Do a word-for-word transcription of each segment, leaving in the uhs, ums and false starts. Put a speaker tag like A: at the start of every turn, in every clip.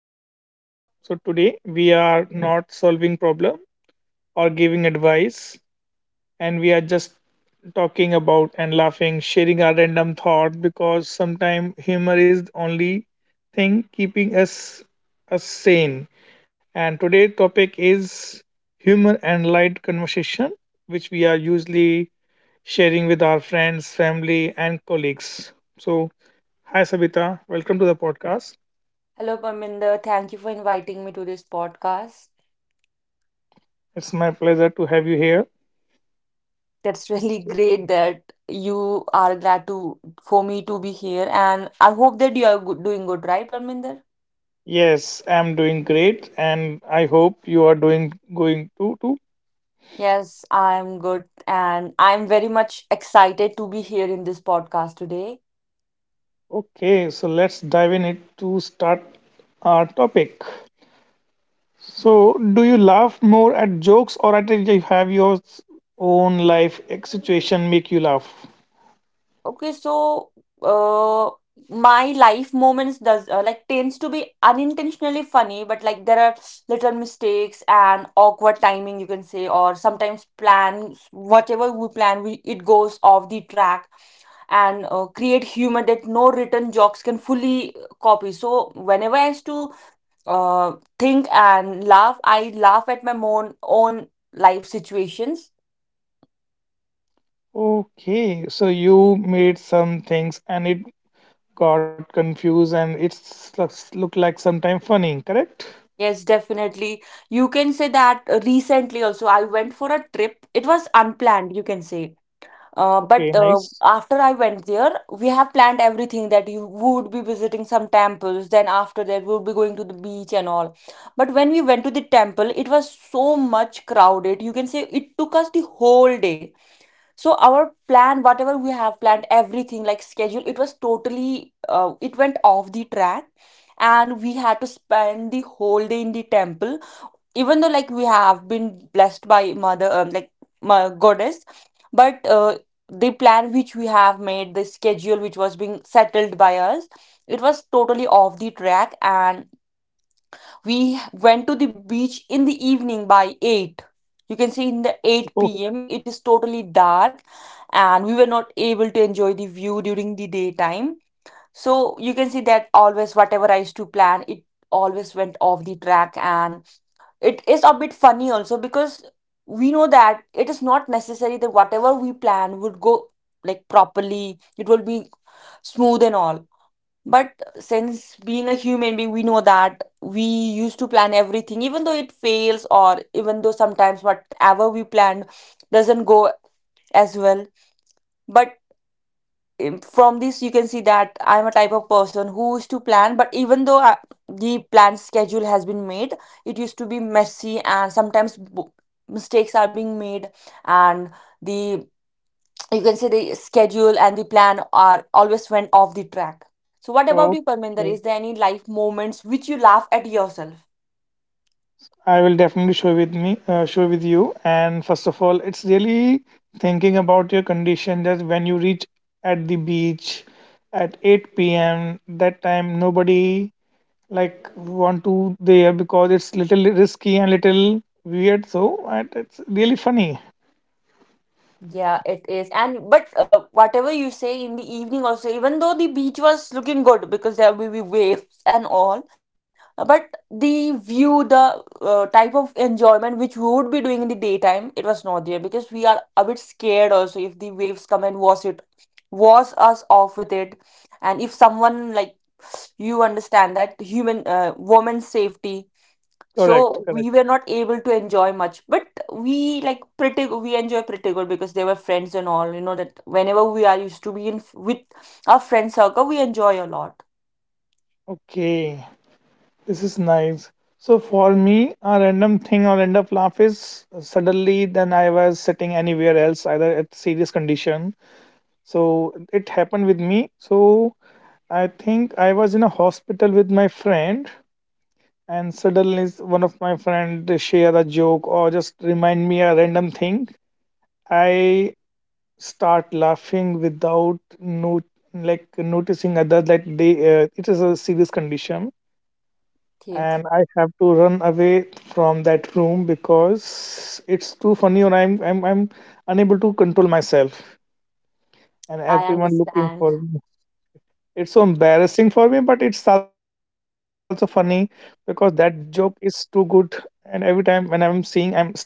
A: podcast. So, today we are not solving problem or giving advice, and we are just talking about and laughing, sharing our random thought because sometimes humor is the only thing keeping us us sane. And today's topic is humor and light conversation, which we are usually sharing with our friends, family, and colleagues. So, hi Sabita, welcome to the podcast.
B: Hello, Parminder. Thank you for inviting me to this podcast.
A: It's my pleasure to have you here.
B: That's really great that you are glad to for me to be here, and I hope that you are good, doing good, right, Parminder?
A: Yes, I'm doing great and I hope you are doing going too too.
B: Yes, I'm good, and I'm very much excited to be here in this podcast today.
A: Okay, so let's dive in it to start our topic. So, do you laugh more at jokes or at if you have your own life ex- situation make you laugh?
B: Okay, so uh, my life moments does uh, like tends to be unintentionally funny, but like there are little mistakes and awkward timing you can say, or sometimes plans whatever we plan, we it goes off the track and uh, create humor that no written jokes can fully copy. So whenever I used to uh, think and laugh, I laugh at my own own life situations.
A: Okay, so you made some things and it got confused and it's looks- look like sometime funny, correct?
B: Yes, definitely. You can say that uh, recently also I went for a trip. It was unplanned, you can say. Uh, but
A: Okay,
B: uh,
A: nice.
B: after I went there, we have planned everything that you would be visiting some temples, then after that, we'll be going to the beach and all. But when we went to the temple, it was so much crowded. You can say it took us the whole day, so our plan whatever we have planned everything like schedule, it was totally uh, it went off the track, and we had to spend the whole day in the temple, even though like we have been blessed by mother um, like my goddess, but uh, the plan which we have made, the schedule which was being settled by us, it was totally off the track, and we went to the beach in the evening by eight. You can see in the 8 pm it is totally dark, and we were not able to enjoy the view during the daytime. So you can see that always whatever I used to plan it always went off the track, and it is a bit funny also, because we know that it is not necessary that whatever we plan would go like properly, it will be smooth and all. But since being a human being, we know that we used to plan everything, even though it fails, or even though sometimes whatever we planned doesn't go as well. But um, from this, you can see that I'm a type of person who used to plan, but even though uh, the planned schedule has been made, it used to be messy, and sometimes bo- mistakes are being made, and the you can say the schedule and the plan are always went off the track. So what about you, Parminder?
A: Okay.
B: Is there any life moments which you laugh at yourself?
A: I will definitely show with me, uh, show with you. And first of all, it's really thinking about your condition that when you reach at the beach at eight p m. That time nobody like want to there because it's little risky and little weird. So and it's really funny.
B: Yeah, it is. And but uh, whatever you say in the evening also, even though the beach was looking good because there will be waves and all, but the view, the uh, type of enjoyment which we would be doing in the daytime, it was not there because we are a bit scared also if the waves come and wash it wash us off with it, and if someone like you understand that human uh, woman's safety,
A: Correct.
B: so
A: Correct.
B: we were not able to enjoy much. But we like pretty we enjoy pretty good because they were friends and all. You know that whenever we are used to be in with our friend circle, we enjoy a lot.
A: Okay. This is nice. So for me, a random thing I'll end up laugh is uh, suddenly then I was sitting anywhere else, either at serious condition so it happened with me so I think I was in a hospital with my friend and suddenly s- one of my friend share a joke or just remind me a random thing I start laughing without no like noticing others that they uh, it is a serious condition
B: Okay,
A: and I have to run away from that room because it's too funny or i'm i'm, I'm unable to control myself and
B: I
A: everyone looking
B: understand.
A: for me. It's so embarrassing for me, but it's also funny because that joke is too good. And every time when I'm seeing, I'm still laughing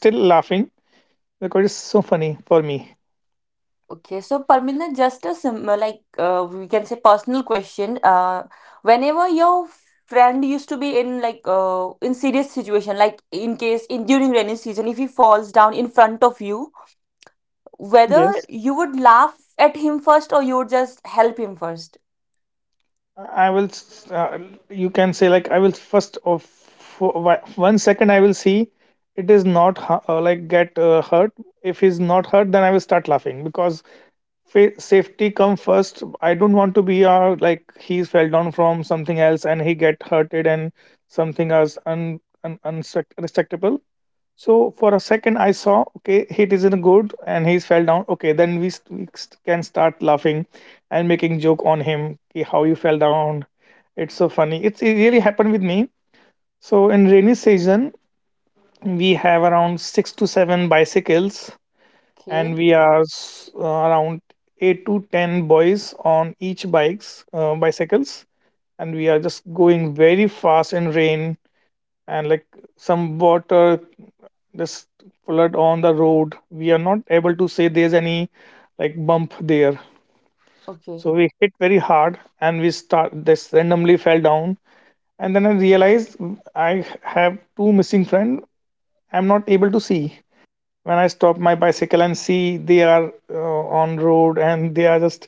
A: because it's so funny for me.
B: Okay, so Parminder, just a sim uh, like uh, we can say personal question. Uh, whenever your friend used to be in like uh, in serious situation, like in case in during rainy season, if he falls down in front of you, whether
A: Yes.
B: you would laugh at him first, or you would just help him first.
A: I will. S- Uh, you can say like I will first of for whi- one second I will see it is not hu- uh, like get uh, hurt. If he's not hurt, then I will start laughing because fa- safety come first. I don't want to be uh, like he's fell down from something else and he get hurted and something else un, un, unacceptable. So for a second, I saw, okay, he is isn't good, and he fell down. Okay, then we, st- we st- can start laughing and making joke on him. "Ki, how you fell down? It's so funny. It's it really happened with me. So in rainy season, we have around six to seven bicycles, and
B: Okay,
A: we are s- uh, around eight to ten boys on each bikes, uh, bicycles, and we are just going very fast in rain and like some water this flood on the road we are not able to say there's any like bump there
B: okay.
A: so we hit very hard and we start this randomly fell down and then I realized I have two missing friend I'm not able to see when I stop my bicycle and see they are uh, on road and they are just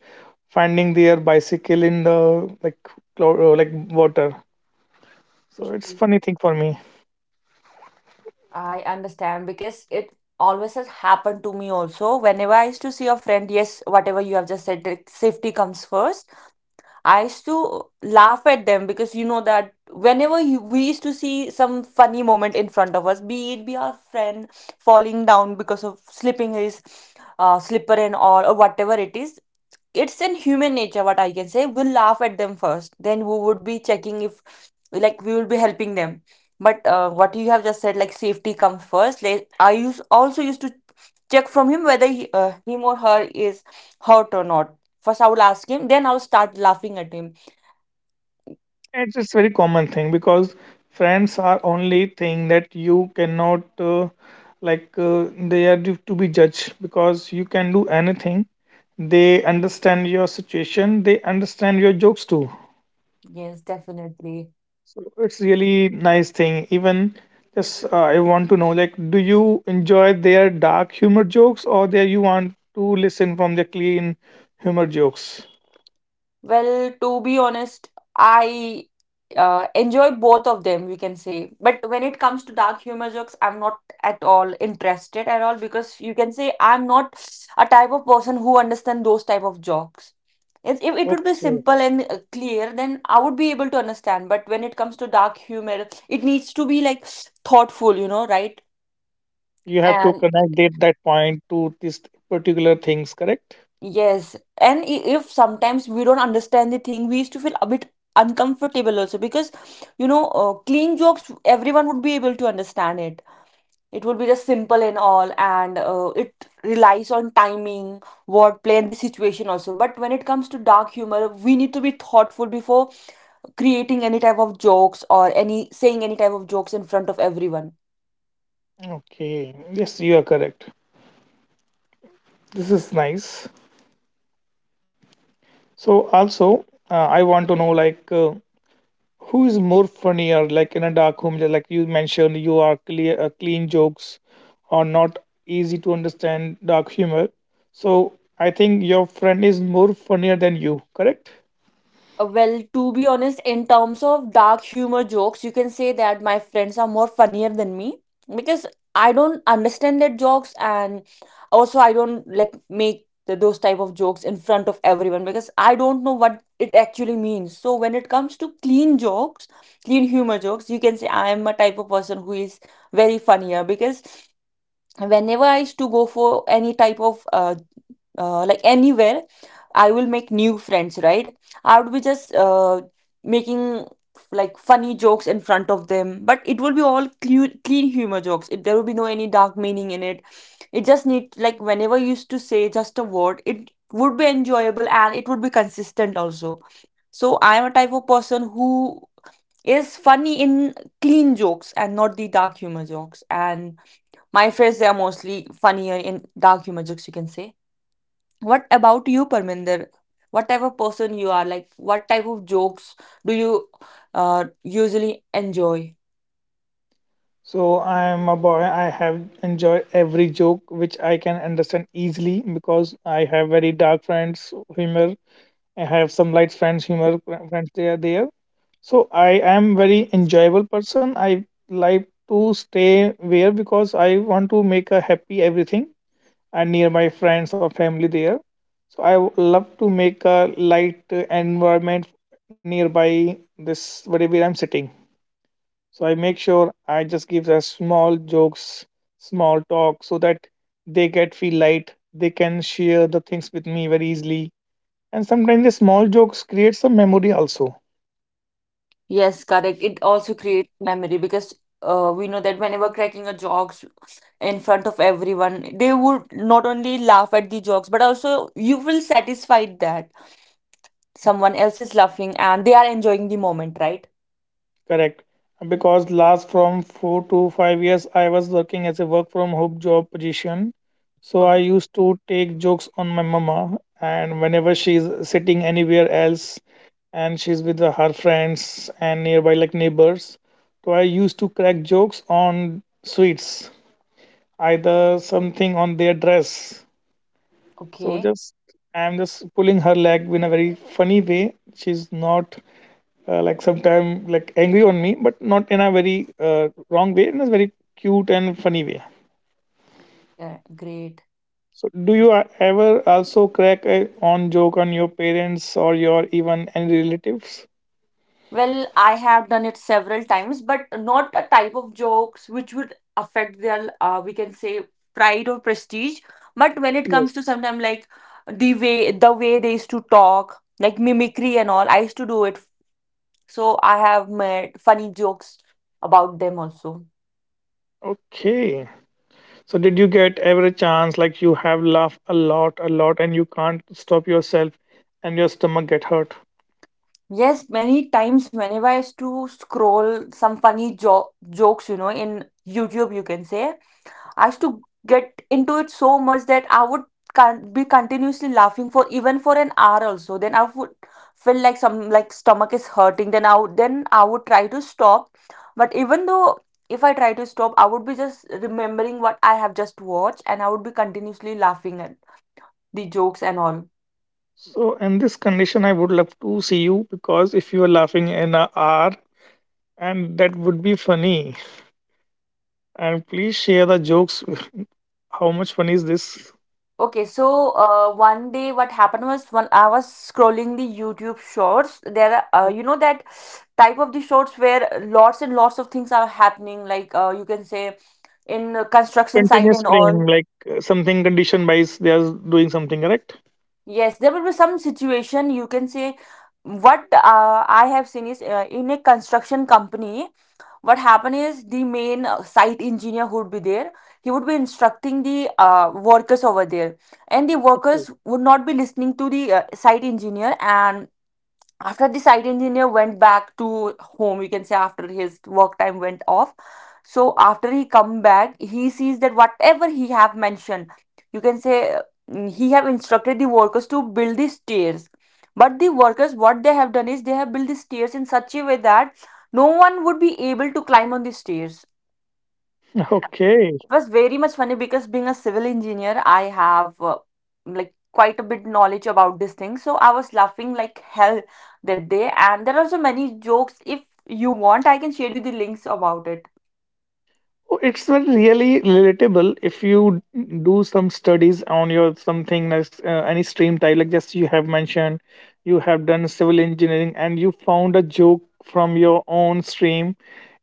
A: finding their bicycle in the like clo- uh, like water so it's
B: Mm.
A: funny thing for me.
B: I understand because it always has happened to me also. Whenever I used to see a friend, yes, whatever you have just said, that safety comes first. I used to laugh at them because you know that whenever you, we used to see some funny moment in front of us, be it be our friend falling down because of slipping his uh, slipper and all or whatever it is, it's in human nature, what I can say, we'll laugh at them first, then we would be checking if like we will be helping them. But uh, what you have just said like safety comes first, like, I use also used to check from him whether he, uh, him or her is hurt or not. First I will ask him, then I'll start laughing at him.
A: It's it's very common thing because friends are only thing that you cannot uh, like uh, they are due to be judged because you can do anything. They understand your situation. They understand your jokes too.
B: Yes, definitely.
A: So it's really nice thing. Even just uh, I want to know like, do you enjoy their dark humor jokes or there you want to listen from the clean humor jokes?
B: Well, to be honest, I uh, enjoy both of them, we can say. But when it comes to dark humor jokes, I'm not at all interested at all, because you can say I'm not a type of person who understand those type of jokes. If if it would be
A: Okay,
B: simple and uh, clear, then I would be able to understand. But when it comes to dark humor, it needs to be like thoughtful, you know, right?
A: you have to
B: And
A: connect that that point to this particular things, correct?
B: yes, and i- if sometimes we don't understand the thing, we used to feel a bit uncomfortable also, because you know, uh, clean jokes everyone would be able to understand it. It would be just simple and all, and uh, it relies on timing, wordplay, and the situation also. But when it comes to dark humor, we need to be thoughtful before creating any type of jokes, or any saying any type of jokes in front of everyone.
A: Okay, yes, you are correct. This is nice. So also, uh, I want to know like uh, who is more funnier, like in a dark room, like you mentioned, you are clear, uh, clean jokes or not easy to understand dark humor. So I think your friend is more funnier than you, correct?
B: Uh, well, to be honest, in terms of dark humor jokes, you can say that my friends are more funnier than me, because I don't understand their jokes, and also I don't like make the, those type of jokes in front of everyone because I don't know what it actually means. So when it comes to clean jokes, clean humor jokes, you can say I am a type of person who is very funnier, because whenever I used to go for any type of uh, uh, like anywhere, I will make new friends, right? I would be just uh, making like funny jokes in front of them, but it will be all clean, clean humor jokes. It, there will be no any dark meaning in it. It just need like whenever you used to say just a word, it would be enjoyable and it would be consistent also. So I am a type of person who is funny in clean jokes and not the dark humor jokes, and my friends, they are mostly funnier in dark humor jokes, you can say. What about you, Parminder? What type of person you are? Like, what type of jokes do you uh, usually enjoy?
A: So I am a boy. I have enjoyed every joke which I can understand easily because I have very dark friends humor. I have some light friends, humor fr- friends. They are there. So I am very enjoyable person. I like to stay where because I want to make a happy everything and near my friends or family there. So I w- love to make a light uh, environment nearby this whatever I'm sitting. So I make sure I just give a small jokes, small talk so that they get feel light. They can share the things with me very easily and sometimes the small jokes create some memory also
B: Yes, correct. It also creates memory because uh, we know that whenever cracking a jokes in front of everyone, they would not only laugh at the jokes, but also you will satisfied that someone else is laughing and they are enjoying the moment, right?
A: correct because last from four to five years I was working as a work from home job position so I
B: Okay.
A: used to take jokes on my mama and whenever she's sitting anywhere else and she's with her friends and nearby like neighbors so I used to crack jokes on sweets either something on their dress so
B: Okay.
A: just I'm just pulling her leg in a very funny way she's not uh, like sometime like angry on me but not in a very uh, wrong way in a very cute and funny way
B: Yeah, great.
A: so do you uh, ever also crack a on joke on your parents or your even any relatives
B: Well, I have done it several times, but not a type of jokes which would affect their, uh, we can say, pride or prestige. But when it
A: yes
B: comes to sometimes like the way the way they used to talk, like mimicry and all, I used to do it. So I have made funny jokes about them also.
A: okay so did you get ever a chance like you have laughed a lot, a lot and you can't stop yourself and your stomach get hurt
B: Yes, many times whenever I used to scroll some funny jo- jokes, you know, in YouTube, you can say, I used to get into it so much that I would can be continuously laughing for even for an hour also. Then I would feel like some like stomach is hurting. Then I would, then I would try to stop. But even though if I try to stop, I would be just remembering what I have just watched, and I would be continuously laughing at the jokes and all.
A: so in this condition I would love to see you because if you are laughing in a hour and that would be funny. And please share the jokes. How much fun is this?
B: Okay, so uh, one day what happened was when I was scrolling the YouTube shorts, there are, uh, you know that type of the shorts where lots and lots of things are happening, like uh, you can say in the construction site
A: Continuous
B: and all.
A: frame, like uh, something conditioned by s- they are doing something, correct?
B: Yes, there will be some situation, you can say. What uh, I have seen is uh, in a construction company, what happened is the main uh, site engineer who would be there, he would be instructing the uh, workers over there, and the
A: Okay.
B: workers would not be listening to the uh, site engineer. And after the site engineer went back to home, you can say, after his work time went off, so after he come back, he sees that whatever he have mentioned, you can say, uh, he have instructed the workers to build the stairs, but the workers what they have done is they have built the stairs in such a way that no one would be able to climb on the stairs.
A: Okay.
B: It was very much funny because being a civil engineer, I have uh, like quite a bit knowledge about this thing. So I was laughing like hell that day, and there are so many jokes. If you want, I can share you the links about it.
A: It's not really relatable if you do some studies on your something as, uh, any stream type like just you have mentioned you have done civil engineering and you found a joke from your own stream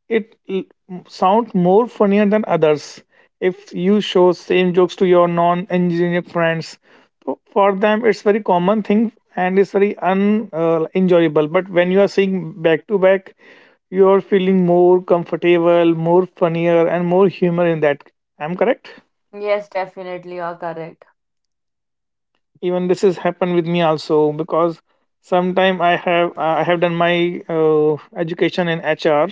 A: it l- m- sound more funnier than others if you show same jokes to your non-engineer friends so for them it's very common thing and it's very un uh, enjoyable but when you are seeing back to back you're feeling more comfortable, more funnier, and more humor in that. I'm correct.
B: Yes, definitely, you are correct.
A: Even this has happened with me also because sometime I have uh, I have done my uh, education in H R.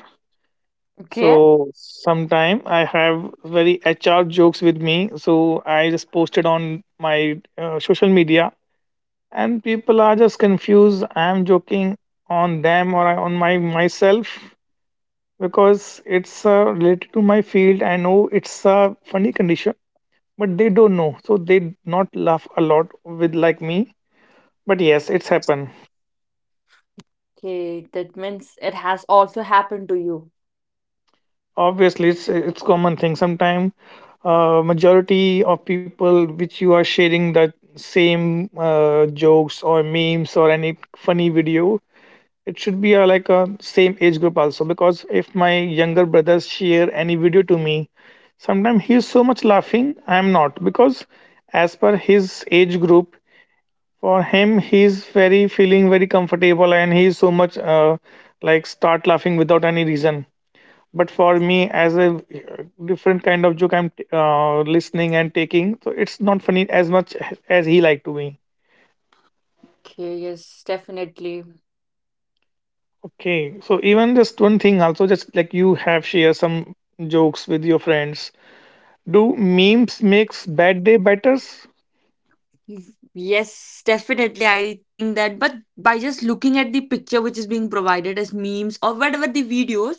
B: Okay.
A: So sometime I have very H R jokes with me. So I just posted on my uh, social media, and people are just confused. I'm joking on them or on my myself because it's uh, related to my field. I know it's a funny condition, but they don't know, so they not laugh a lot with like me. But yes, it's happened.
B: Okay, that means it has also happened to you.
A: Obviously, it's it's common thing. Sometime uh, majority of people which you are sharing that same uh, jokes or memes or any funny video, it should be a, like a same age group also because if my younger brothers share any video to me, sometimes he's so much laughing, I'm not because as per his age group, for him he's very feeling very comfortable and he's so much uh, like start laughing without any reason. But for me, as a uh, different kind of joke I'm uh, listening and taking, so it's not funny as much as he like to be.
B: Okay, yes, definitely.
A: Okay, so even just one thing, also just like you have share some jokes with your friends. Do memes makes bad day better?
B: Yes, yes, definitely. I think that, but by just looking at the picture which is being provided as memes or whatever the videos,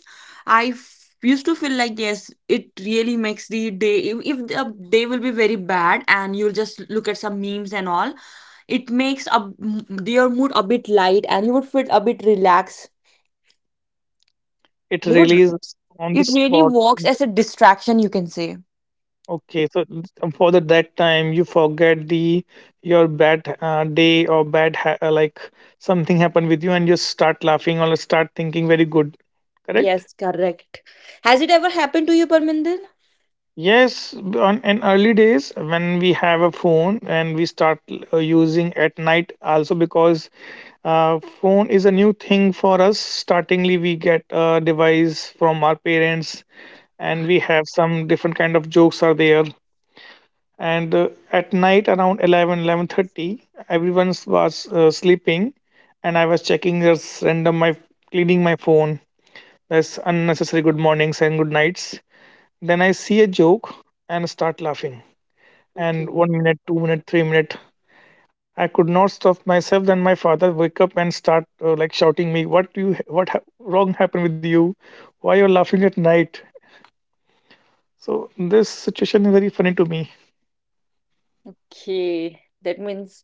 B: I f- used to feel like, yes, it really makes the day. If, if the day will be very bad and you'll just look at some memes and all, it makes a, your mood a bit light and you would feel a bit relaxed
A: It
B: because
A: release on the
B: it really
A: spot.
B: works as a distraction, you can say.
A: Okay, so for the, that time you forget the your bad uh, day or bad ha- uh, like something happened with you and you start laughing or start thinking very good. Correct?
B: Yes, correct. Has it ever happened to you, Parminder?
A: Yes, b- on in early days when we have a phone and we start uh, using at night also because uh, phone is a new thing for us. Startingly, we get a device from our parents and we have some different kind of jokes are there. And uh, at night around eleven, eleven thirty, eleven thirty, everyone was uh, sleeping and I was checking this random, my cleaning my phone. That's unnecessary good mornings and good nights. Then I see a joke and start laughing and
B: Okay.
A: one minute, two minute, three minute. I could not stop myself. Then my father wake up and start uh, like shouting me, "What you? What ha- wrong happened with you? Why you're laughing at night?" So this situation is very funny to me.
B: Okay, that means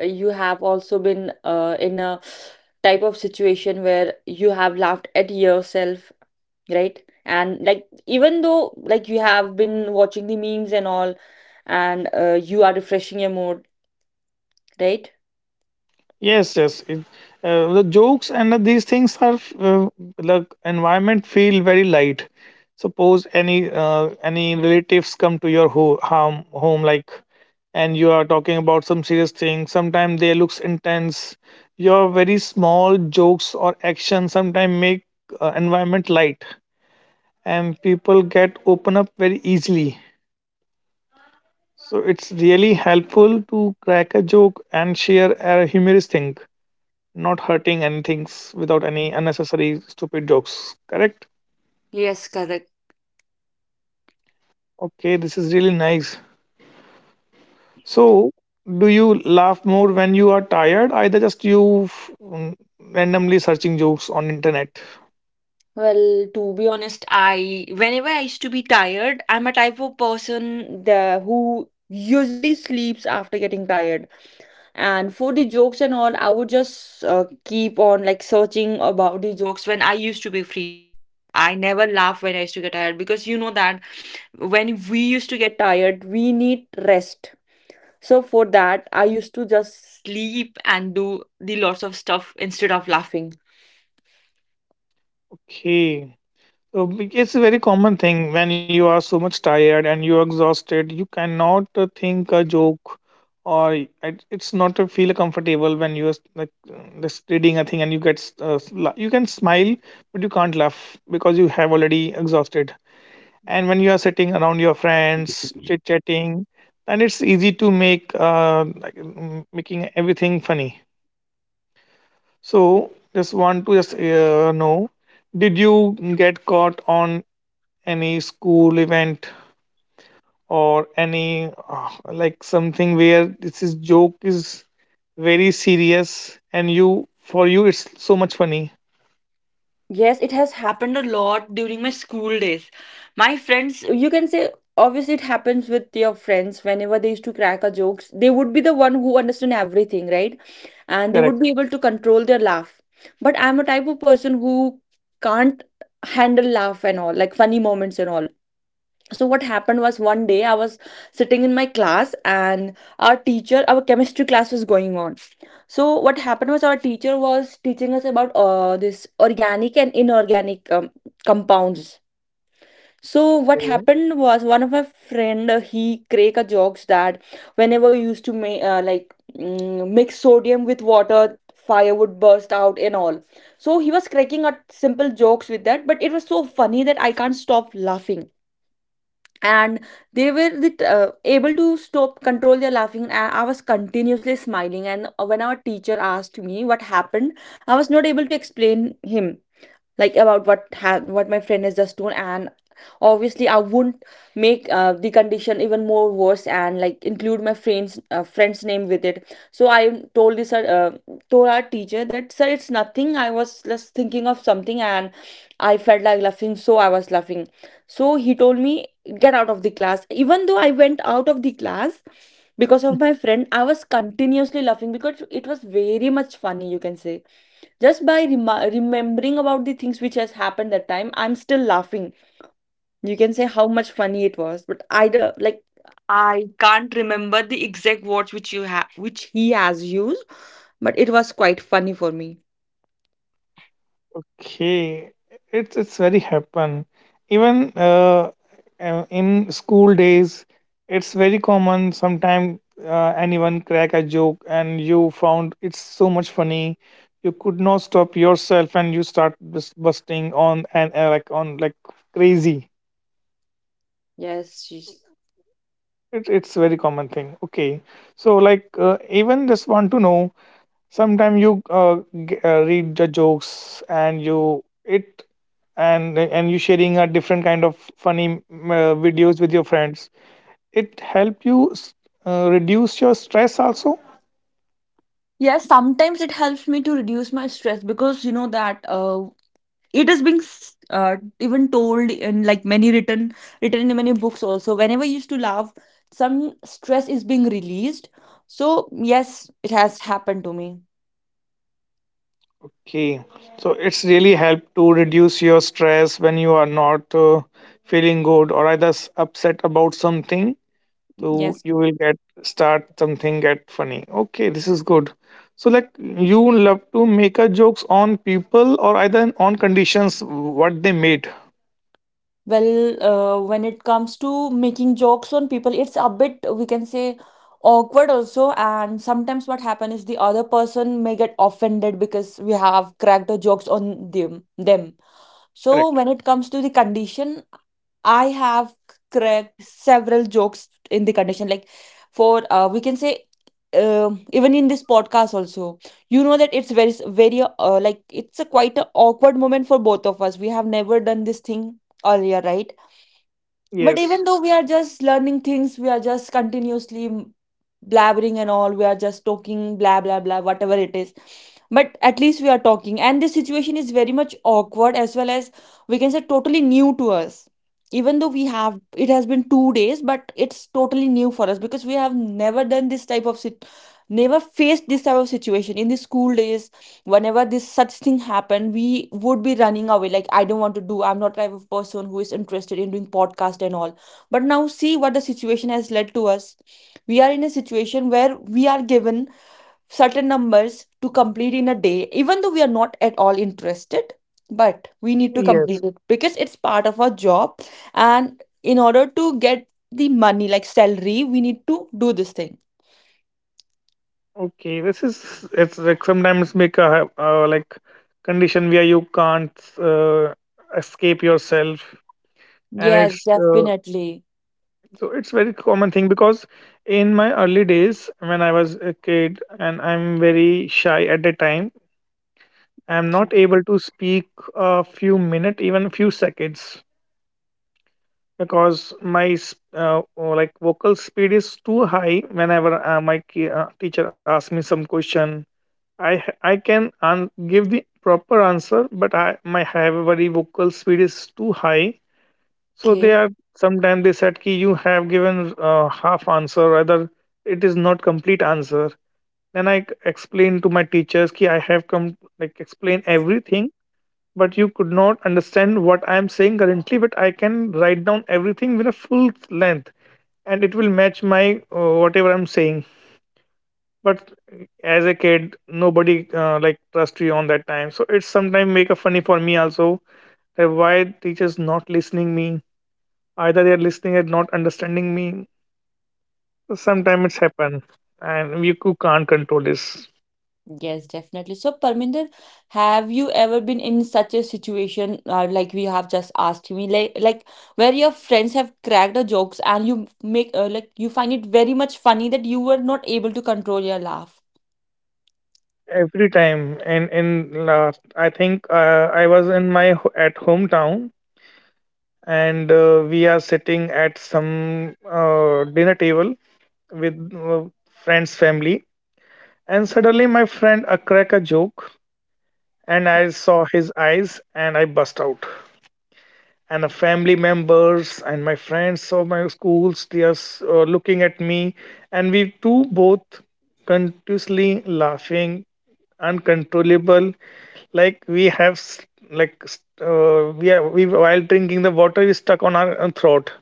B: uh, you have also been uh, in a type of situation where you have laughed at yourself, right? And like, even though like you have been watching the memes and all, and uh, you are refreshing your mood, right?
A: Yes, yes. It, uh, the jokes and these things are uh, the environment feel very light. Suppose any uh, any relatives come to your ho- home, home like, and you are talking about some serious thing. Sometimes they looks intense. Your very small jokes or actions sometimes make uh, environment light, and people get open up very easily. So it's really helpful to crack a joke and share a humorous thing, not hurting anything's, without any unnecessary stupid jokes, correct?
B: Yes, correct.
A: Okay, this is really nice. So do you laugh more when you are tired, either just you f- mm, randomly searching jokes on internet?
B: Well, to be honest, I whenever I used to be tired, I'm a type of person the who usually sleeps after getting tired. And for the jokes and all, I would just uh, keep on like searching about the jokes when I used to be free. I never laugh when I used to get tired because you know that when we used to get tired we need rest. So for that, I used to just sleep and do the lots of stuff instead of laughing.
A: Okay, So be- it's a very common thing. When you are so much tired and you're exhausted, you cannot uh, think a joke, or it- it's not to feel comfortable when you're like, uh, just reading a thing and you get s- uh, s- la- you can smile but you can't laugh because you have already exhausted. And when you are sitting around your friends chit chatting, then it's easy to make, uh, like, mm, making everything funny. So just want to just uh, know, did you get caught on any school event or any, uh, like, something where this is joke is very serious and you, for you, it's so much funny?
B: Yes, it has happened a lot during my school days. My friends, you can say, obviously, it happens with your friends whenever they used to crack a jokes. They would be the one who understand everything, right? And they would
A: Correct.
B: be able to control their laugh. But I'm a type of person who can't handle laugh and all, like funny moments and all. So what happened was one day I was sitting in my class and our teacher our chemistry class was going on. So what happened was our teacher was teaching us about uh, this organic and inorganic um, compounds. So what happened was one of my friend uh, he cracked a jokes that whenever you used to make uh, like mm, mix sodium with water. Fire would burst out and all. So he was cracking a simple jokes with that, but it was so funny that I can't stop laughing. And they were the, uh, able to stop control their laughing, and I was continuously smiling. And when our teacher asked me what happened, I was not able to explain him, like, about what ha- what my friend has just done. And obviously I wouldn't make uh, the condition even more worse, and like include my friend's uh, friend's name with it. So I told this uh, told our teacher that sir it's nothing, I was just thinking of something, and I felt like laughing so I was laughing. So he told me get out of the class. Even though I went out of the class, because of my friend I was continuously laughing because it was very much funny, you can say. Just by rema remembering about the things which has happened that time, I'm still laughing. You can say how much funny it was, but I do, like, I can't remember the exact words which you have which he has used, but it was quite funny for me.
A: Okay, it's it's very happen even uh, uh, in school days. It's very common. Sometimes uh, anyone crack a joke and you found it's so much funny, you could not stop yourself and you start bus- busting on and, uh, like on like crazy.
B: Yes, she's-
A: It's it's very common thing. Okay, so like, uh, even just want to know. Sometimes you uh, g- uh, read the jokes and you it and and you sharing a different kind of funny, mm, uh, videos with your friends. It help you s- uh, reduce your stress also.
B: Yes, sometimes it helps me to reduce my stress because you know that uh, it is being s- uh, even told in like many written written in many books also. Whenever you used to laugh, some stress is being released. So yes, it has happened to me.
A: Okay, so it's really help to reduce your stress when you are not, uh, feeling good, or either s- upset about something. So
B: Yes.
A: you will get start something get funny. Okay, this is good. So, like, you love to make a jokes on people or either on conditions what they made?
B: Well, uh, when it comes to making jokes on people, it's a bit, we can say, awkward also. And sometimes what happen is the other person may get offended because we have cracked the jokes on them them. So
A: Correct.
B: when it comes to the condition, I have cracked several jokes in the condition. Like, for uh, we can say, um even in this podcast also, you know that it's very very uh, like it's a quite a awkward moment for both of us. We have never done this thing earlier, right? But
A: Yes.
B: even though we are just learning things, we are just continuously blabbering and all, we are just talking blah blah blah whatever it is. But at least we are talking, and this situation is very much awkward as well as, we can say, totally new to us. Even though we have it has been two days, but it's totally new for us because we have never done this type of sit never faced this type of situation in the school days. Whenever this such thing happened, we would be running away like I don't want to do. I'm not type of person who is interested in doing podcast and all. But now see what the situation has led to us. We are in a situation where we are given certain numbers to complete in a day even though we are not at all interested, but we need to
A: Yes.
B: complete it because it's part of our job. And in order to get the money like salary we need to do this thing
A: Okay, this is, it's like sometimes make a, uh, like condition where you can't, uh, escape yourself, and
B: yes,
A: it's uh,
B: definitely.
A: so it's very common thing. Because in my early days when I was a kid, and I'm very shy at the time, I'm not able to speak a few minutes, even a few seconds, because my s- uh, oh, like, vocal speed is too high. Whenever uh, my ki- uh, teacher asks me some question, I ha- I can an- give the proper answer, but I my have very vocal speed is too high. So they
B: Okay.
A: are sometimes, they said ki you have given, uh, half answer, rather it is not complete answer. Then I explained to my teachers ki I have come, like, explain everything, but you could not understand what I am saying currently. But I can write down everything with a full length and it will match my, uh, whatever I'm saying. But as a kid, nobody, uh, like trust you on that time. So it's sometimes make a funny for me also, that why teachers not listening me. Either they are listening and not understanding me. Sometimes it's happen and you cou- can't control this.
B: Yes, definitely. So, Parminder, have you ever been in such a situation uh, like we have just asked me, like like where your friends have cracked the jokes and you make uh, like you find it very much funny that you were not able to control your laugh?
A: Every time. And in last I think, uh, I was in my ho- at hometown, and uh, we are sitting at some, uh, dinner table with, uh, friends family, and suddenly my friend, uh, crack a joke, and I saw his eyes and I bust out, and the family members and my friends of my schools, they are s- uh, looking at me, and we two both continuously laughing, uncontrollable. Like we have, s- like s- uh, we are we, while drinking the water, we stuck on our, uh, throat.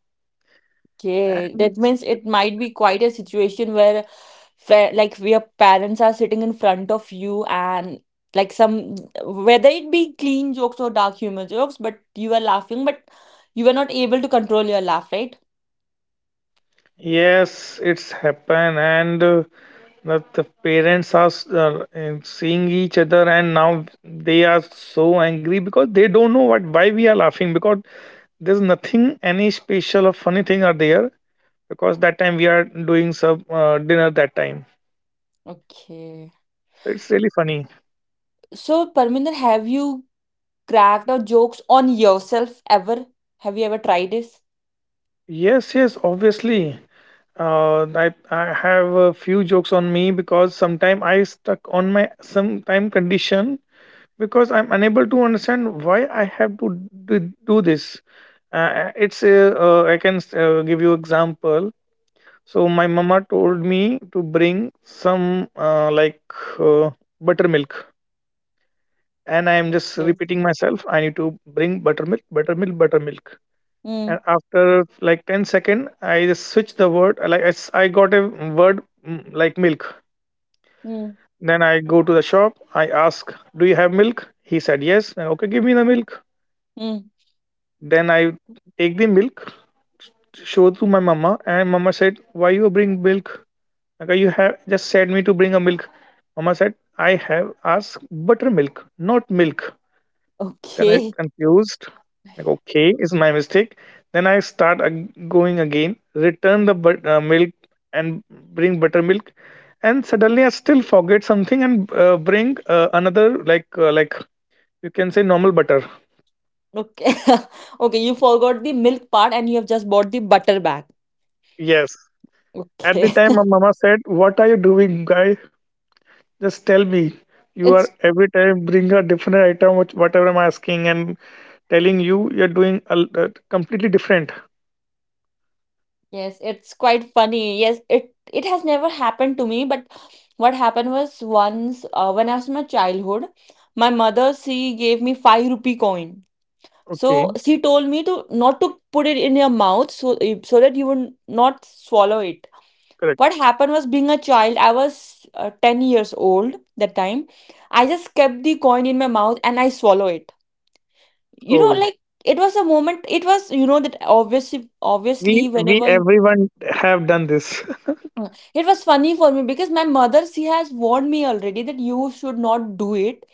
B: Okay, that means it might be quite a situation where, fa- like, your parents are sitting in front of you and, like, some whether it be clean jokes or dark humor jokes, but you are laughing, but you are not able to control your laugh, right?
A: Yes, it's happen, and uh, that the parents are s- uh, uh, seeing each other, and now they are so angry because they don't know what why we are laughing, because there's nothing any special or funny thing are there, because that time we are doing some, uh, dinner that time,
B: Okay.
A: so it's really funny.
B: So, Parminder, have you cracked out jokes on yourself ever? Have you ever tried this?
A: Yes, yes, obviously. Uh, I I have a few jokes on me because sometime I stuck on my sometime condition, because I'm unable to understand why I have to do, do this. Uh, it's uh, uh, I can, uh, give you example. So my mama told me to bring some, uh, like uh, buttermilk, and I am just
B: Yes.
A: repeating myself. I need to bring buttermilk, buttermilk, buttermilk.
B: Mm,
A: And after like ten second, I just switch the word. Like I, s- I got a word, mm, like milk.
B: mm,
A: Then I go to the shop. I ask, "Do you have milk?" He said, "Yes." "Uh, Okay, give me the milk."
B: mm.
A: Then I take the milk, show to my mama, and mama said, "Why you bring milk? Okay, you have just said me to bring a milk." Mama said, "I have asked buttermilk, not milk." Then I
B: Okay.
A: confused. Like, okay, it's my mistake. Then I start ag- going again, return the but- uh, milk, and bring buttermilk, and suddenly I still forget something and, uh, bring, uh, another, like uh, like you can say normal butter.
B: Okay. Okay, you forgot the milk part and you have just bought the butter bag.
A: Yes. At the
B: Okay.
A: time, my mama said, "What are you doing, guy? Just tell me. You are
B: It's
A: every time bring a different item, which whatever I'm asking and telling you, you're doing a, l- uh, completely different."
B: Yes, it's quite funny. Yes, it it has never happened to me, but what happened was once uh, when I was in my childhood, my mother she gave me five rupee coin. So
A: Okay,
B: she told me to not to put it in your mouth so eh, so that you would not swallow it.
A: correct.
B: What happened was being a child, I was uh, ten years old that time. I just kept the coin in my mouth and I swallow it. You know,
A: So
B: like it was a moment, it was, you know, that obviously,
A: we
B: obviously,
A: we
B: whenever
A: everyone have done this.
B: Uh, it was funny for me because my mother, she has warned me already that you should not do it.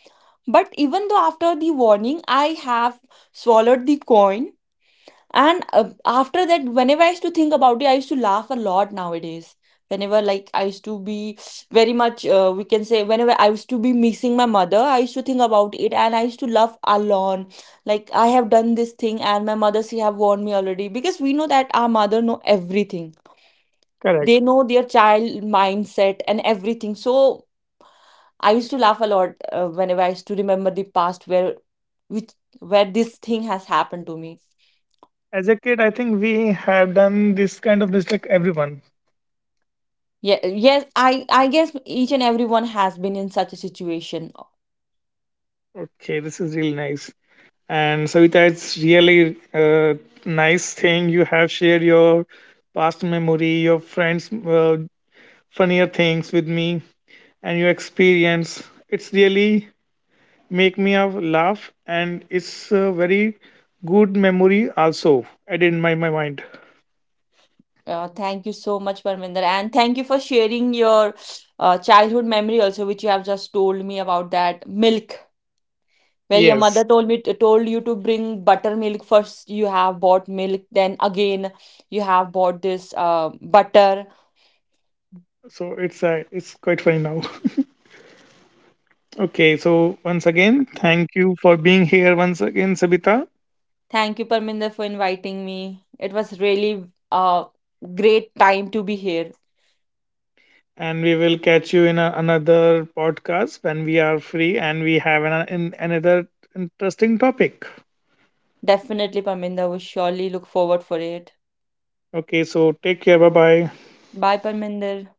B: But even though after the warning, I have swallowed the coin. And uh, after that, whenever I used to think about it, I used to laugh a lot nowadays. Whenever, like, I used to be very much, uh, we can say, whenever I used to be missing my mother, I used to think about it and I used to laugh a lot. Like, I have done this thing and my mother, she have warned me already because we know that our mother know everything.
A: Correct.
B: They know their child mindset and everything. So I used to laugh a lot uh, whenever I used to remember the past where which where this thing has happened to me.
A: As a kid, I think we have done this kind of mistake. Everyone.
B: Yeah, yes, i i guess each and everyone has been in such a situation.
A: Okay, this is really nice. And Savita, it's really, uh, nice thing you have shared your past memory, your friends', uh, funnier things with me, and your experience. It's really make me a laugh, and it's a very good memory also added in my, my mind.
B: Uh, thank you so much, Parminder, and thank you for sharing your uh, childhood memory also, which you have just told me about that milk, where your
A: Yes.
B: mother told me told you to bring buttermilk. First you have bought milk, then again you have bought this uh, butter.
A: So it's, uh, it's quite funny now. Okay, so once again, thank you for being here once again, Sabita.
B: Thank you, Parminder, for inviting me. It was really a great time to be here.
A: And we will catch you in a another podcast when we are free and we have an, an, another interesting topic.
B: Definitely, Parminder will surely look forward for it.
A: Okay, so take care. Bye bye.
B: Bye, Parminder.